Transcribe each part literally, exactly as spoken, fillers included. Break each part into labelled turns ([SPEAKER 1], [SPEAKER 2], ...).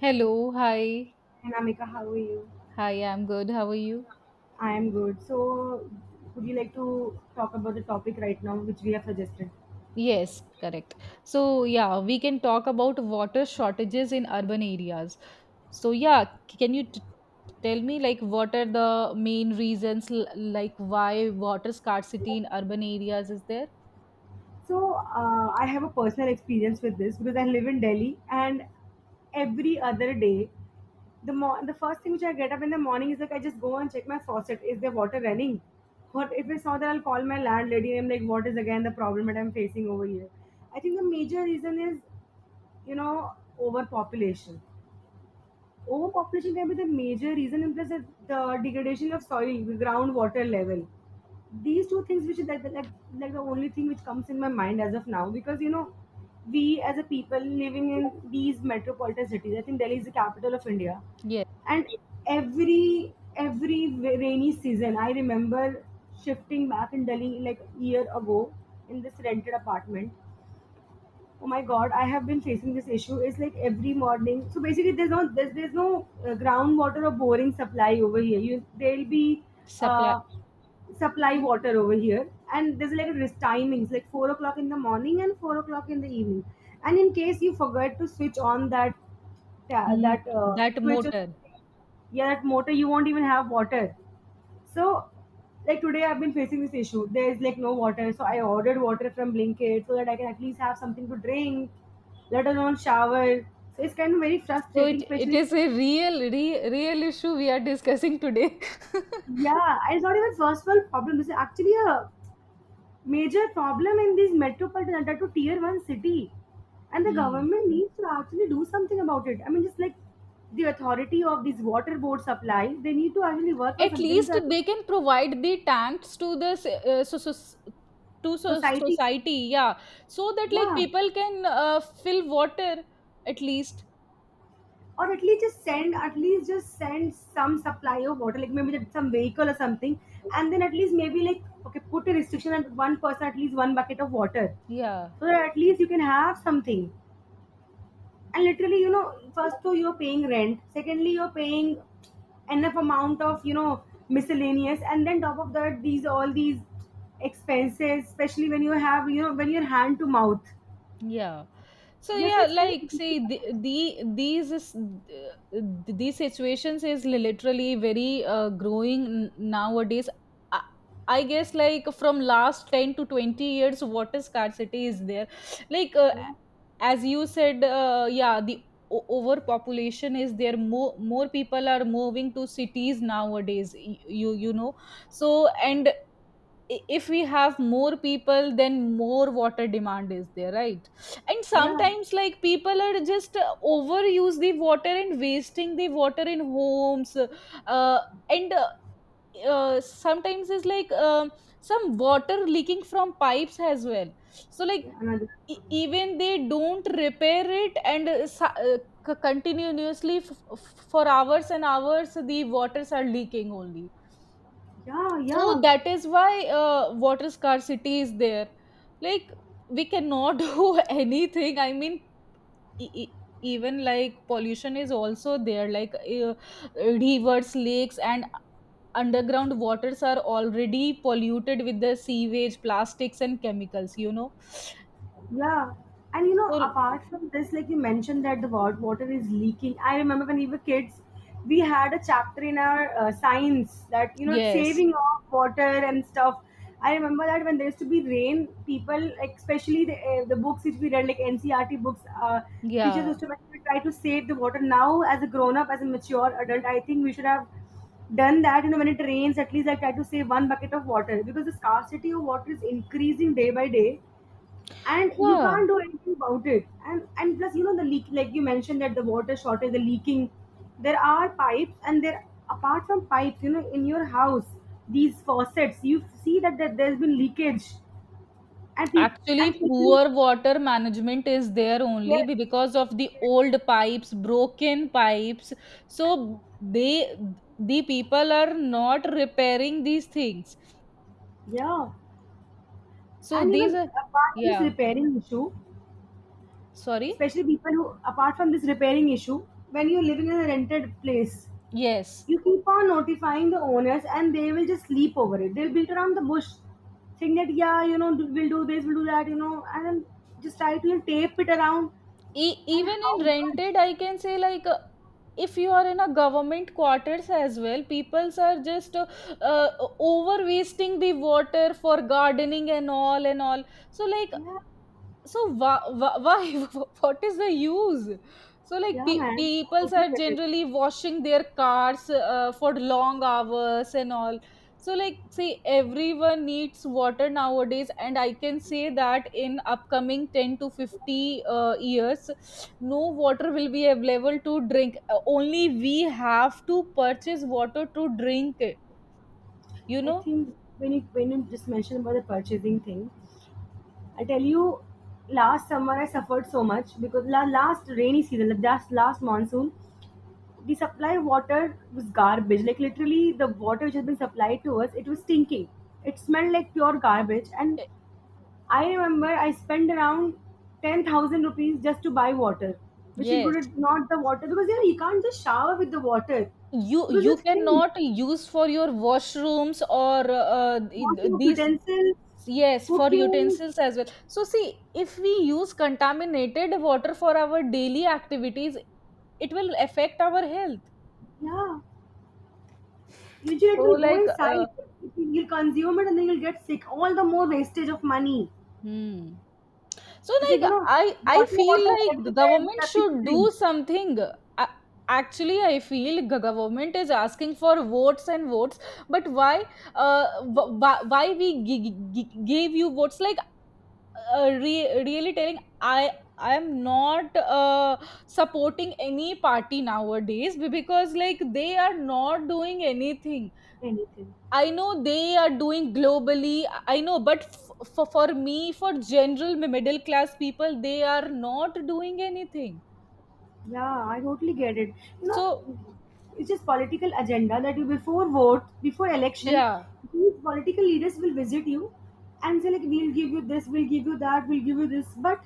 [SPEAKER 1] Hello, hi.
[SPEAKER 2] And Amika, how are you?
[SPEAKER 1] Hi, I'm good. How are you?
[SPEAKER 2] I am good. So, would you like to talk about the topic right now, which we have suggested?
[SPEAKER 1] Yes, correct. So, yeah, we can talk about water shortages in urban areas. So, yeah, c- can you t Tell me like what are the main reasons l like why water scarcity in urban areas is there?
[SPEAKER 2] So, uh, I have a personal experience with this because I live in Delhi, and every other day, the mo- the first thing which I get up in the morning is like I just go and check my faucet. Is there water running? Or if it's not, then I'll call my landlady and I'm like, what is again the problem that I'm facing over here? I think the major reason is you know overpopulation. Overpopulation can be the major reason, and plus the the degradation of soil, groundwater level. These two things which is like, like like the only thing which comes in my mind as of now, because you know, we as a people living in these metropolitan cities, I think Delhi is the capital of India.
[SPEAKER 1] Yes,
[SPEAKER 2] And every every rainy season, I remember shifting back in Delhi like a year ago in this rented apartment. Oh my god, I have been facing this issue. It's like every morning, so basically there's no there's, there's no uh, groundwater or boring supply over here. You there'll be
[SPEAKER 1] supply.
[SPEAKER 2] uh, supply water over here, and there's like a rest timings like four o'clock in the morning and four o'clock in the evening. And in case you forget to switch on that ta-
[SPEAKER 1] mm,
[SPEAKER 2] that uh,
[SPEAKER 1] that
[SPEAKER 2] switch or
[SPEAKER 1] motor.
[SPEAKER 2] something, yeah, that motor, you won't even have water. So, like today, I've been facing this issue. There's like no water, so I ordered water from Blinkit so that I can at least have something to drink, let alone shower. So it's kind of very
[SPEAKER 1] So it
[SPEAKER 2] frustrating,
[SPEAKER 1] it
[SPEAKER 2] especially.
[SPEAKER 1] is a real re, real issue we are discussing today.
[SPEAKER 2] Yeah, and it's not even first world problem. This is actually a major problem in these metropolitan under to tier one city, and the
[SPEAKER 1] Hmm.
[SPEAKER 2] government needs to actually do something about it. I mean, just like the authority of these water board supply, they need to actually work on
[SPEAKER 1] At
[SPEAKER 2] something to
[SPEAKER 1] least they
[SPEAKER 2] actually
[SPEAKER 1] can provide the tanks to the s- uh, so, so, to so,
[SPEAKER 2] society.
[SPEAKER 1] society, yeah, so that like
[SPEAKER 2] Yeah.
[SPEAKER 1] people can uh, fill water at least.
[SPEAKER 2] Or at least just send at least just send some supply of water, like maybe that- some vehicle or something. And then at least maybe like, okay, put a restriction at one person at least one bucket of water,
[SPEAKER 1] Yeah,
[SPEAKER 2] so that at least you can have something. And literally, you know, first, so you're paying rent, secondly you're paying enough amount of, you know, miscellaneous, and then top of that these all these expenses, especially when you have, you know, when you're hand to mouth.
[SPEAKER 1] yeah. So
[SPEAKER 2] Yes,
[SPEAKER 1] yeah,
[SPEAKER 2] it's kind of
[SPEAKER 1] like
[SPEAKER 2] difficult.
[SPEAKER 1] see, the, the these is th- these situations is literally very uh, growing n- nowadays. I, I guess, like, from last ten to twenty years, water scarcity is there. like uh,
[SPEAKER 2] yeah
[SPEAKER 1] as you said, uh, yeah the o- overpopulation is there. More more people are moving to cities nowadays, y- you you know. So, and i- if we have more people, then more water demand is there, right? And
[SPEAKER 2] yeah
[SPEAKER 1] sometimes, like, people are just uh, overuse the water and wasting the water in homes. Uh, and uh, uh, Sometimes it's like, um some water leaking from pipes as well. So, like,
[SPEAKER 2] yeah Another.
[SPEAKER 1] e- even they don't repair it, and uh, sa- uh, c- continuously f- f- for hours and hours the waters are leaking only.
[SPEAKER 2] yeah
[SPEAKER 1] So
[SPEAKER 2] yeah
[SPEAKER 1] that is why uh, water scarcity is there. Like, we cannot do anything. I mean, e- e- even like pollution is also there. Like, uh, rivers, lakes, and underground waters are already polluted with the sewage, plastics, and chemicals. You know.
[SPEAKER 2] Yeah. And you know,
[SPEAKER 1] So
[SPEAKER 2] apart from this, like you mentioned that the wa- water is leaking. I remember when we were kids, we had a chapter in our uh, science that, you know,
[SPEAKER 1] yes,
[SPEAKER 2] saving of water and stuff. I remember that when there used to be rain, people, like, especially the, uh, the books which we read, like N C R T books, uh, the teachers
[SPEAKER 1] yeah,
[SPEAKER 2] used to mention, try to save the water. Now, as a grown up, as a mature adult, I think we should have done that. You know, when it rains, at least I try to save one bucket of water because the scarcity of water is increasing day by day, and you
[SPEAKER 1] yeah.
[SPEAKER 2] can't do anything about it. And and plus, you know, the leak, like you mentioned that the water shortage, the leaking, there are pipes, and there apart from pipes, you know, in your house, these faucets, you see that, that there's been leakage. and people and
[SPEAKER 1] Actually,
[SPEAKER 2] people
[SPEAKER 1] poor water management is there only
[SPEAKER 2] Yes.
[SPEAKER 1] be- because of the
[SPEAKER 2] Yes.
[SPEAKER 1] old pipes, broken pipes. So they, the people are not repairing these things.
[SPEAKER 2] Yeah,
[SPEAKER 1] So
[SPEAKER 2] and you
[SPEAKER 1] these
[SPEAKER 2] know,
[SPEAKER 1] are,
[SPEAKER 2] apart from this
[SPEAKER 1] yeah,
[SPEAKER 2] repairing issue,
[SPEAKER 1] sorry.
[SPEAKER 2] especially people who, apart from this repairing issue, when you're living in a rented place,
[SPEAKER 1] Yes.
[SPEAKER 2] you keep on notifying the owners and they will just sleep over it. They'll beat around the bush saying that, yeah, you know, we'll do this, we'll do that, you know, and then just try to tape it around.
[SPEAKER 1] E-
[SPEAKER 2] And
[SPEAKER 1] even
[SPEAKER 2] how
[SPEAKER 1] in
[SPEAKER 2] much?
[SPEAKER 1] rented, I can say, like, uh, if you are in a government quarters as well, peoples are just uh, uh, over wasting the water for gardening and all and all. So like,
[SPEAKER 2] Yeah,
[SPEAKER 1] so why, why what is the use? So like,
[SPEAKER 2] yeah,
[SPEAKER 1] pe-
[SPEAKER 2] man. I
[SPEAKER 1] people
[SPEAKER 2] totally
[SPEAKER 1] are
[SPEAKER 2] get it.
[SPEAKER 1] generally washing their cars uh, for long hours and all. So like, say, everyone needs water nowadays, and I can say that in upcoming ten to fifty uh, years no water will be available to drink. Uh, only we have to purchase water to drink it, you
[SPEAKER 2] I
[SPEAKER 1] know.
[SPEAKER 2] think when you, when you just mentioned about the purchasing thing, I tell you, last summer I suffered so much because la- last rainy season, the last, last monsoon, the supply water was garbage, like literally the water which has been supplied to us, it was stinking. It smelled like pure garbage. And
[SPEAKER 1] Eh,
[SPEAKER 2] I remember I spent around ten thousand rupees just to buy water, which
[SPEAKER 1] yes,
[SPEAKER 2] included not the water because yeah, you can't just shower with the water
[SPEAKER 1] you
[SPEAKER 2] because you
[SPEAKER 1] you
[SPEAKER 2] stink.
[SPEAKER 1] cannot use for your washrooms or uh, th-
[SPEAKER 2] Washing of
[SPEAKER 1] these.
[SPEAKER 2] utensils,
[SPEAKER 1] Yes, for
[SPEAKER 2] cooking,
[SPEAKER 1] utensils as well. So see, if we use contaminated water for our daily activities, it will affect our health.
[SPEAKER 2] yeah. Usually
[SPEAKER 1] So
[SPEAKER 2] it will go
[SPEAKER 1] like, uh,
[SPEAKER 2] inside. You'll consume it and then you'll get sick. All the more wastage of money.
[SPEAKER 1] Hmm. So
[SPEAKER 2] It's like, you
[SPEAKER 1] like,
[SPEAKER 2] know,
[SPEAKER 1] I I
[SPEAKER 2] water,
[SPEAKER 1] feel
[SPEAKER 2] water
[SPEAKER 1] like the
[SPEAKER 2] everywhere, but
[SPEAKER 1] government
[SPEAKER 2] nothing to
[SPEAKER 1] should do
[SPEAKER 2] drink.
[SPEAKER 1] something. A- Actually, I feel the government is asking for votes and votes, but why? Uh, wh- wh- why we g- g- gave you votes? Like, uh, re- really telling, I I am not uh, supporting any party nowadays be- because, like, they are not doing anything.
[SPEAKER 2] Anything.
[SPEAKER 1] I know they are doing globally. I I know, but f- for for me, for general middle class people, they are not doing anything.
[SPEAKER 2] Yeah, I totally get it. You know,
[SPEAKER 1] So
[SPEAKER 2] it's just political agenda that you before vote, before election,
[SPEAKER 1] yeah,
[SPEAKER 2] these political leaders will visit you and say like, we'll give you this, we'll give you that, we'll give you this. But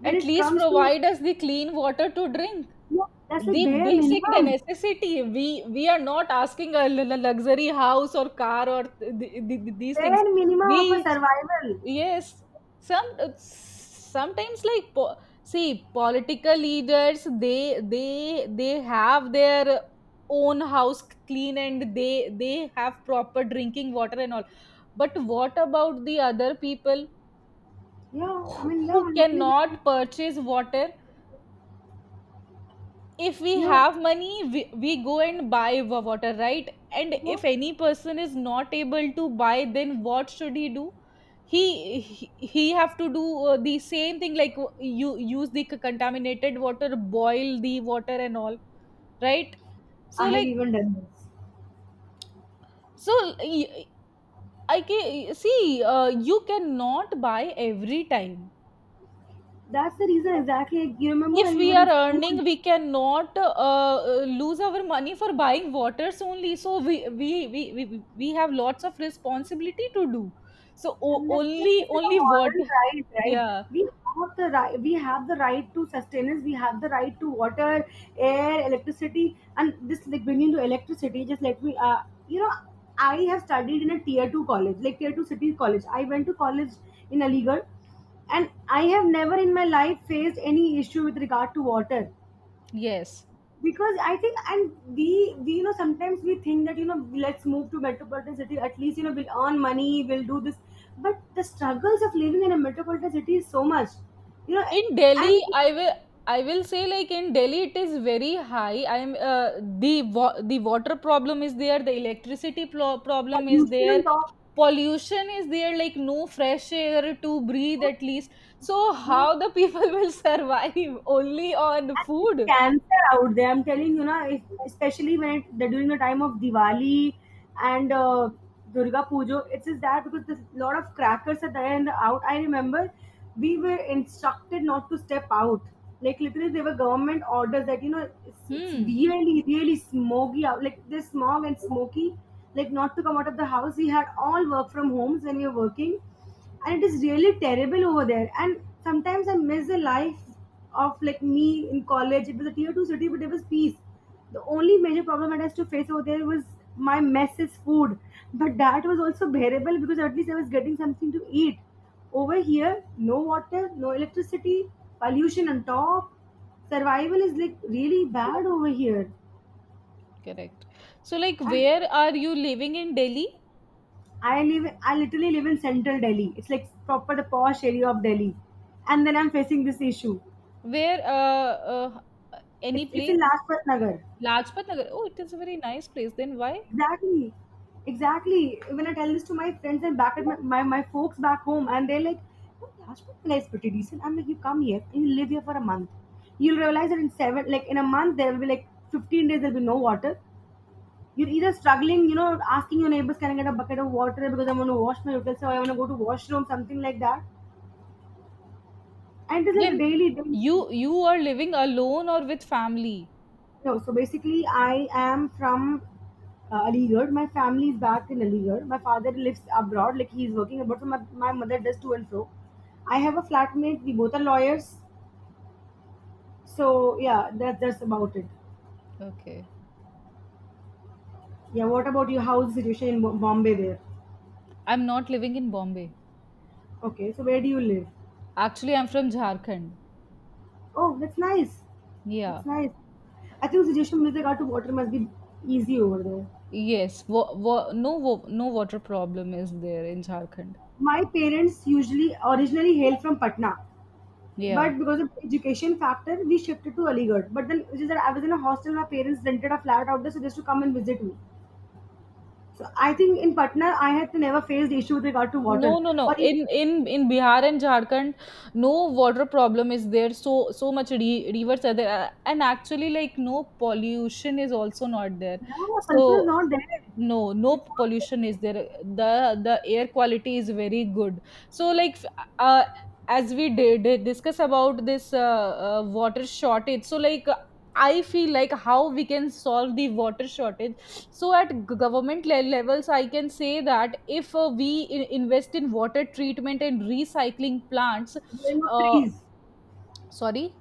[SPEAKER 2] when
[SPEAKER 1] at
[SPEAKER 2] it
[SPEAKER 1] least
[SPEAKER 2] comes to,
[SPEAKER 1] provide us the clean water to drink.
[SPEAKER 2] yeah, that's like
[SPEAKER 1] The
[SPEAKER 2] bare
[SPEAKER 1] basic, the
[SPEAKER 2] minimum,
[SPEAKER 1] necessity. We we are not asking a l- l- luxury house or car or th- th- th- th- these
[SPEAKER 2] bare
[SPEAKER 1] things.
[SPEAKER 2] minimum of a
[SPEAKER 1] We,
[SPEAKER 2] survival.
[SPEAKER 1] yes, some, uh, sometimes like, po- see, political leaders, they they they have their own house clean, and they they have proper drinking water and all. But what about the other people
[SPEAKER 2] Yeah, I
[SPEAKER 1] who
[SPEAKER 2] mean, yeah,
[SPEAKER 1] who
[SPEAKER 2] I totally get it.
[SPEAKER 1] cannot purchase water? If we
[SPEAKER 2] You know,
[SPEAKER 1] have money, we, we go and buy wa- water, right? And
[SPEAKER 2] yeah,
[SPEAKER 1] if any person is not able to buy, then what should he do? He he, he have to do uh, the same thing, like, uh, you use the c- contaminated water, boil the water and all, right? So
[SPEAKER 2] I have
[SPEAKER 1] like,
[SPEAKER 2] even done this.
[SPEAKER 1] so, y- I can see, uh, you cannot buy every time.
[SPEAKER 2] That's the reason exactly. Like, you remember
[SPEAKER 1] If
[SPEAKER 2] when
[SPEAKER 1] we
[SPEAKER 2] we were
[SPEAKER 1] are
[SPEAKER 2] in school?
[SPEAKER 1] earning, we cannot uh, uh, lose our money for buying waters only. So we we we, we, we have lots of responsibility to do. So, o-
[SPEAKER 2] And that's like
[SPEAKER 1] only
[SPEAKER 2] this is a
[SPEAKER 1] only
[SPEAKER 2] moral
[SPEAKER 1] water.
[SPEAKER 2] right, right?
[SPEAKER 1] Yeah,
[SPEAKER 2] We have the right, we have the right to sustenance, we have the right to water, air, electricity, and this like bringing to electricity. Just let me, uh, you know, I have studied in a tier two college, like tier two city college. I went to college in Aligarh, and I have never in my life faced any issue with regard to water
[SPEAKER 1] yes.
[SPEAKER 2] because I think and we we you know, sometimes we think that, you know, let's move to metropolitan city, at least, you know, we'll earn money, we'll do this, but the struggles of living in a metropolitan city is so much, you know.
[SPEAKER 1] In delhi,
[SPEAKER 2] And
[SPEAKER 1] i will I will say, like, in delhi it is very high. I'm uh, The wa- the water problem is there, the electricity plo- problem is
[SPEAKER 2] pollution
[SPEAKER 1] there,
[SPEAKER 2] and all.
[SPEAKER 1] pollution is there, like no fresh air to breathe at least. So how
[SPEAKER 2] Yeah.
[SPEAKER 1] the people will survive only on
[SPEAKER 2] And it's
[SPEAKER 1] food?
[SPEAKER 2] cancer out there. I'm telling you, na, if, especially when it, they during the time of Diwali and uh, Durga Puja, it's just that because there's a lot of crackers are there and out. I remember we were instructed not to step out. Like literally, there were government orders that you know it's, it's
[SPEAKER 1] Hmm.
[SPEAKER 2] really, really smoky out. Like there's smog and smoky, like not to come out of the house. We had all work from homes when we were working, and it is really terrible over there. And sometimes I miss the life of like me in college. It was a tier two city, but it was peace. The only major problem I had to face over there was my mess food, but that was also bearable because at least I was getting something to eat. Over here, no water, no electricity, pollution on top. Survival is like really bad over here.
[SPEAKER 1] Correct. So like,
[SPEAKER 2] And
[SPEAKER 1] where are you living in delhi?
[SPEAKER 2] I live, I literally live in central Delhi. It's like proper the posh area of Delhi, and then I'm facing this issue.
[SPEAKER 1] Where uh, uh
[SPEAKER 2] It's
[SPEAKER 1] Any
[SPEAKER 2] it's
[SPEAKER 1] place?
[SPEAKER 2] in Lajpat Nagar.
[SPEAKER 1] Lajpat nagar, oh, it is a very nice place, then why?
[SPEAKER 2] Exactly. Exactly. When I tell this to my friends and back at my, my, my folks back home, and they're like, "Oh, Lajpat Nagar is pretty decent." I'm like, you come here and you live here for a month. You'll realize that in seven like in a month there will be like fifteen days there'll be no water. You're either struggling, you know, asking your neighbors, can I get a bucket of water because I want to wash my utensils or I want to go to washroom, something like that. And it's like
[SPEAKER 1] Then,
[SPEAKER 2] daily, daily.
[SPEAKER 1] You you are living alone or with family?
[SPEAKER 2] No, so basically I am from uh, Aligarh. My family is back in Aligarh. My father lives abroad, like he's working abroad. So my, my mother does to and fro. I have a flatmate. We both are lawyers. So yeah, that, that's about it.
[SPEAKER 1] Okay.
[SPEAKER 2] Yeah. What about you? How's the situation in Bo- Bombay there?
[SPEAKER 1] I'm not living in Bombay.
[SPEAKER 2] Okay. So where do you live?
[SPEAKER 1] Actually, I'm from Jharkhand.
[SPEAKER 2] Oh, that's nice.
[SPEAKER 1] Yeah.
[SPEAKER 2] That's nice. I think situation with regard to water must be easy over there.
[SPEAKER 1] Yes. Wa- wa- no wa- no water problem is there in Jharkhand.
[SPEAKER 2] My parents usually originally hail from Patna.
[SPEAKER 1] Yeah.
[SPEAKER 2] But because of education factor, we shifted to Aligarh. But then, which is that I was in a hostel, my parents rented a flat out there, so just to come and visit me. So I think in Patna, I had never faced issue with regard to water.
[SPEAKER 1] No, no, no.
[SPEAKER 2] Or even,
[SPEAKER 1] In in in Bihar and Jharkhand, no water problem is there. So so much re- rivers are there, and actually, like, no pollution is also not there.
[SPEAKER 2] yeah,
[SPEAKER 1] So,
[SPEAKER 2] pollution is not there.
[SPEAKER 1] no, no
[SPEAKER 2] It's not there.
[SPEAKER 1] pollution is there, the the air quality is very good. So like, uh, as we did did discuss about this, uh, uh, water shortage, so like, I feel like how we can solve the water shortage. So at g- government le- levels, I can say that if uh, we in- invest in water treatment and recycling plants.
[SPEAKER 2] Growing of
[SPEAKER 1] uh,
[SPEAKER 2] trees.
[SPEAKER 1] Sorry.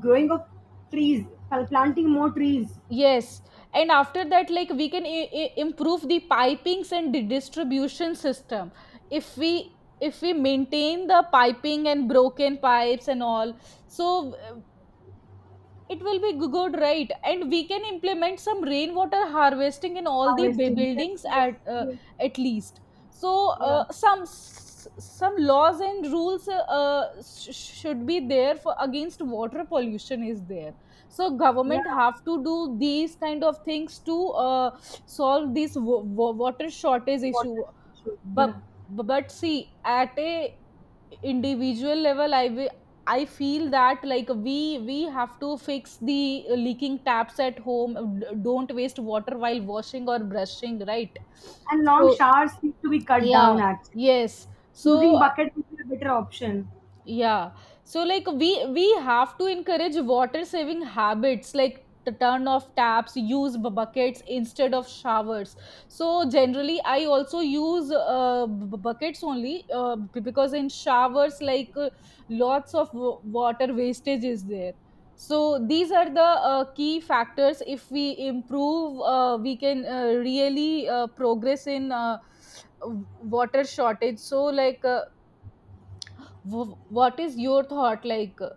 [SPEAKER 2] Growing of trees. Pl- Planting more trees.
[SPEAKER 1] Yes, and after that, like, we can I- I- improve the pipings and the distribution system. if we if we maintain the piping and broken pipes and all, so it will be g- good, right? And we can implement some rainwater harvesting in all the bu-
[SPEAKER 2] Harvesting. Yes,
[SPEAKER 1] buildings
[SPEAKER 2] yes,
[SPEAKER 1] at, uh,
[SPEAKER 2] yes.
[SPEAKER 1] at least. So uh,
[SPEAKER 2] Yeah.
[SPEAKER 1] some s- some laws and rules uh, uh, sh- should be there for against water pollution is there. So
[SPEAKER 2] Yeah.
[SPEAKER 1] government have to do these kind of things to uh, solve this wa- wa- water shortage
[SPEAKER 2] Water
[SPEAKER 1] issue.
[SPEAKER 2] issue.
[SPEAKER 1] but
[SPEAKER 2] Yeah.
[SPEAKER 1] but see, at a individual level, i wi- I feel that, like, we we have to fix the leaking taps at home. D- don't waste water while washing or brushing, right?
[SPEAKER 2] And long
[SPEAKER 1] So
[SPEAKER 2] showers need to be cut
[SPEAKER 1] yeah,
[SPEAKER 2] down actually.
[SPEAKER 1] yes, so
[SPEAKER 2] Using bucket would be a better option.
[SPEAKER 1] yeah. So like, we we have to encourage water saving habits, like to turn off taps, use bu- buckets instead of showers. So generally I also use uh, bu- bu- buckets only, uh, b- because in showers, like, uh, lots of w- water wastage is there. So these are the uh, key factors. If we improve, uh, we can uh, really uh, progress in, uh, w- water shortage. So like, uh, W- what is your thought like? uh,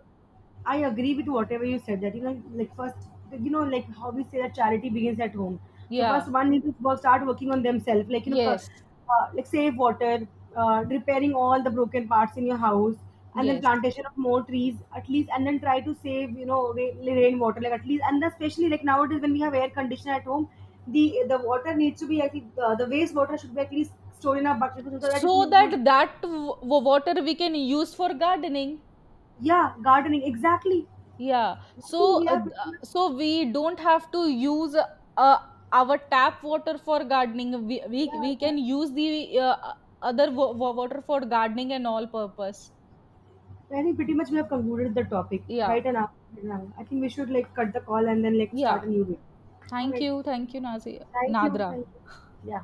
[SPEAKER 2] I agree with whatever you said that you know, like first, you know, like how we say that charity begins at home. So
[SPEAKER 1] Yeah,
[SPEAKER 2] first, one needs to wo- start working on themselves, like you know, co-
[SPEAKER 1] yes,
[SPEAKER 2] uh, like save water, uh, repairing all the broken parts in your house, and then
[SPEAKER 1] yes,
[SPEAKER 2] plantation of more trees at least, and then try to save, you know, rain, rainwater like at least, and then especially like nowadays when we have air conditioner at home, the the water needs to be I think the, the waste water should be at least stored in a bucket so that you
[SPEAKER 1] so
[SPEAKER 2] can
[SPEAKER 1] that,
[SPEAKER 2] use.
[SPEAKER 1] that w- water we can use for gardening.
[SPEAKER 2] Yeah, gardening exactly.
[SPEAKER 1] Yeah,
[SPEAKER 2] I think
[SPEAKER 1] so,
[SPEAKER 2] we
[SPEAKER 1] uh,
[SPEAKER 2] are
[SPEAKER 1] th-
[SPEAKER 2] pretty
[SPEAKER 1] uh,
[SPEAKER 2] much
[SPEAKER 1] so we don't have to use, uh, uh, our tap water for gardening. We we,
[SPEAKER 2] yeah.
[SPEAKER 1] we
[SPEAKER 2] Yeah.
[SPEAKER 1] can use the uh, uh, other wa- water for gardening and all purpose.
[SPEAKER 2] I think pretty much we have concluded the topic
[SPEAKER 1] Yeah,
[SPEAKER 2] right and now. now. I think we should like cut the call and then like start a
[SPEAKER 1] yeah,
[SPEAKER 2] new week. All
[SPEAKER 1] thank
[SPEAKER 2] right.
[SPEAKER 1] you, thank you, Nazi-
[SPEAKER 2] Thank you.
[SPEAKER 1] nadra.
[SPEAKER 2] Thank you. Yeah.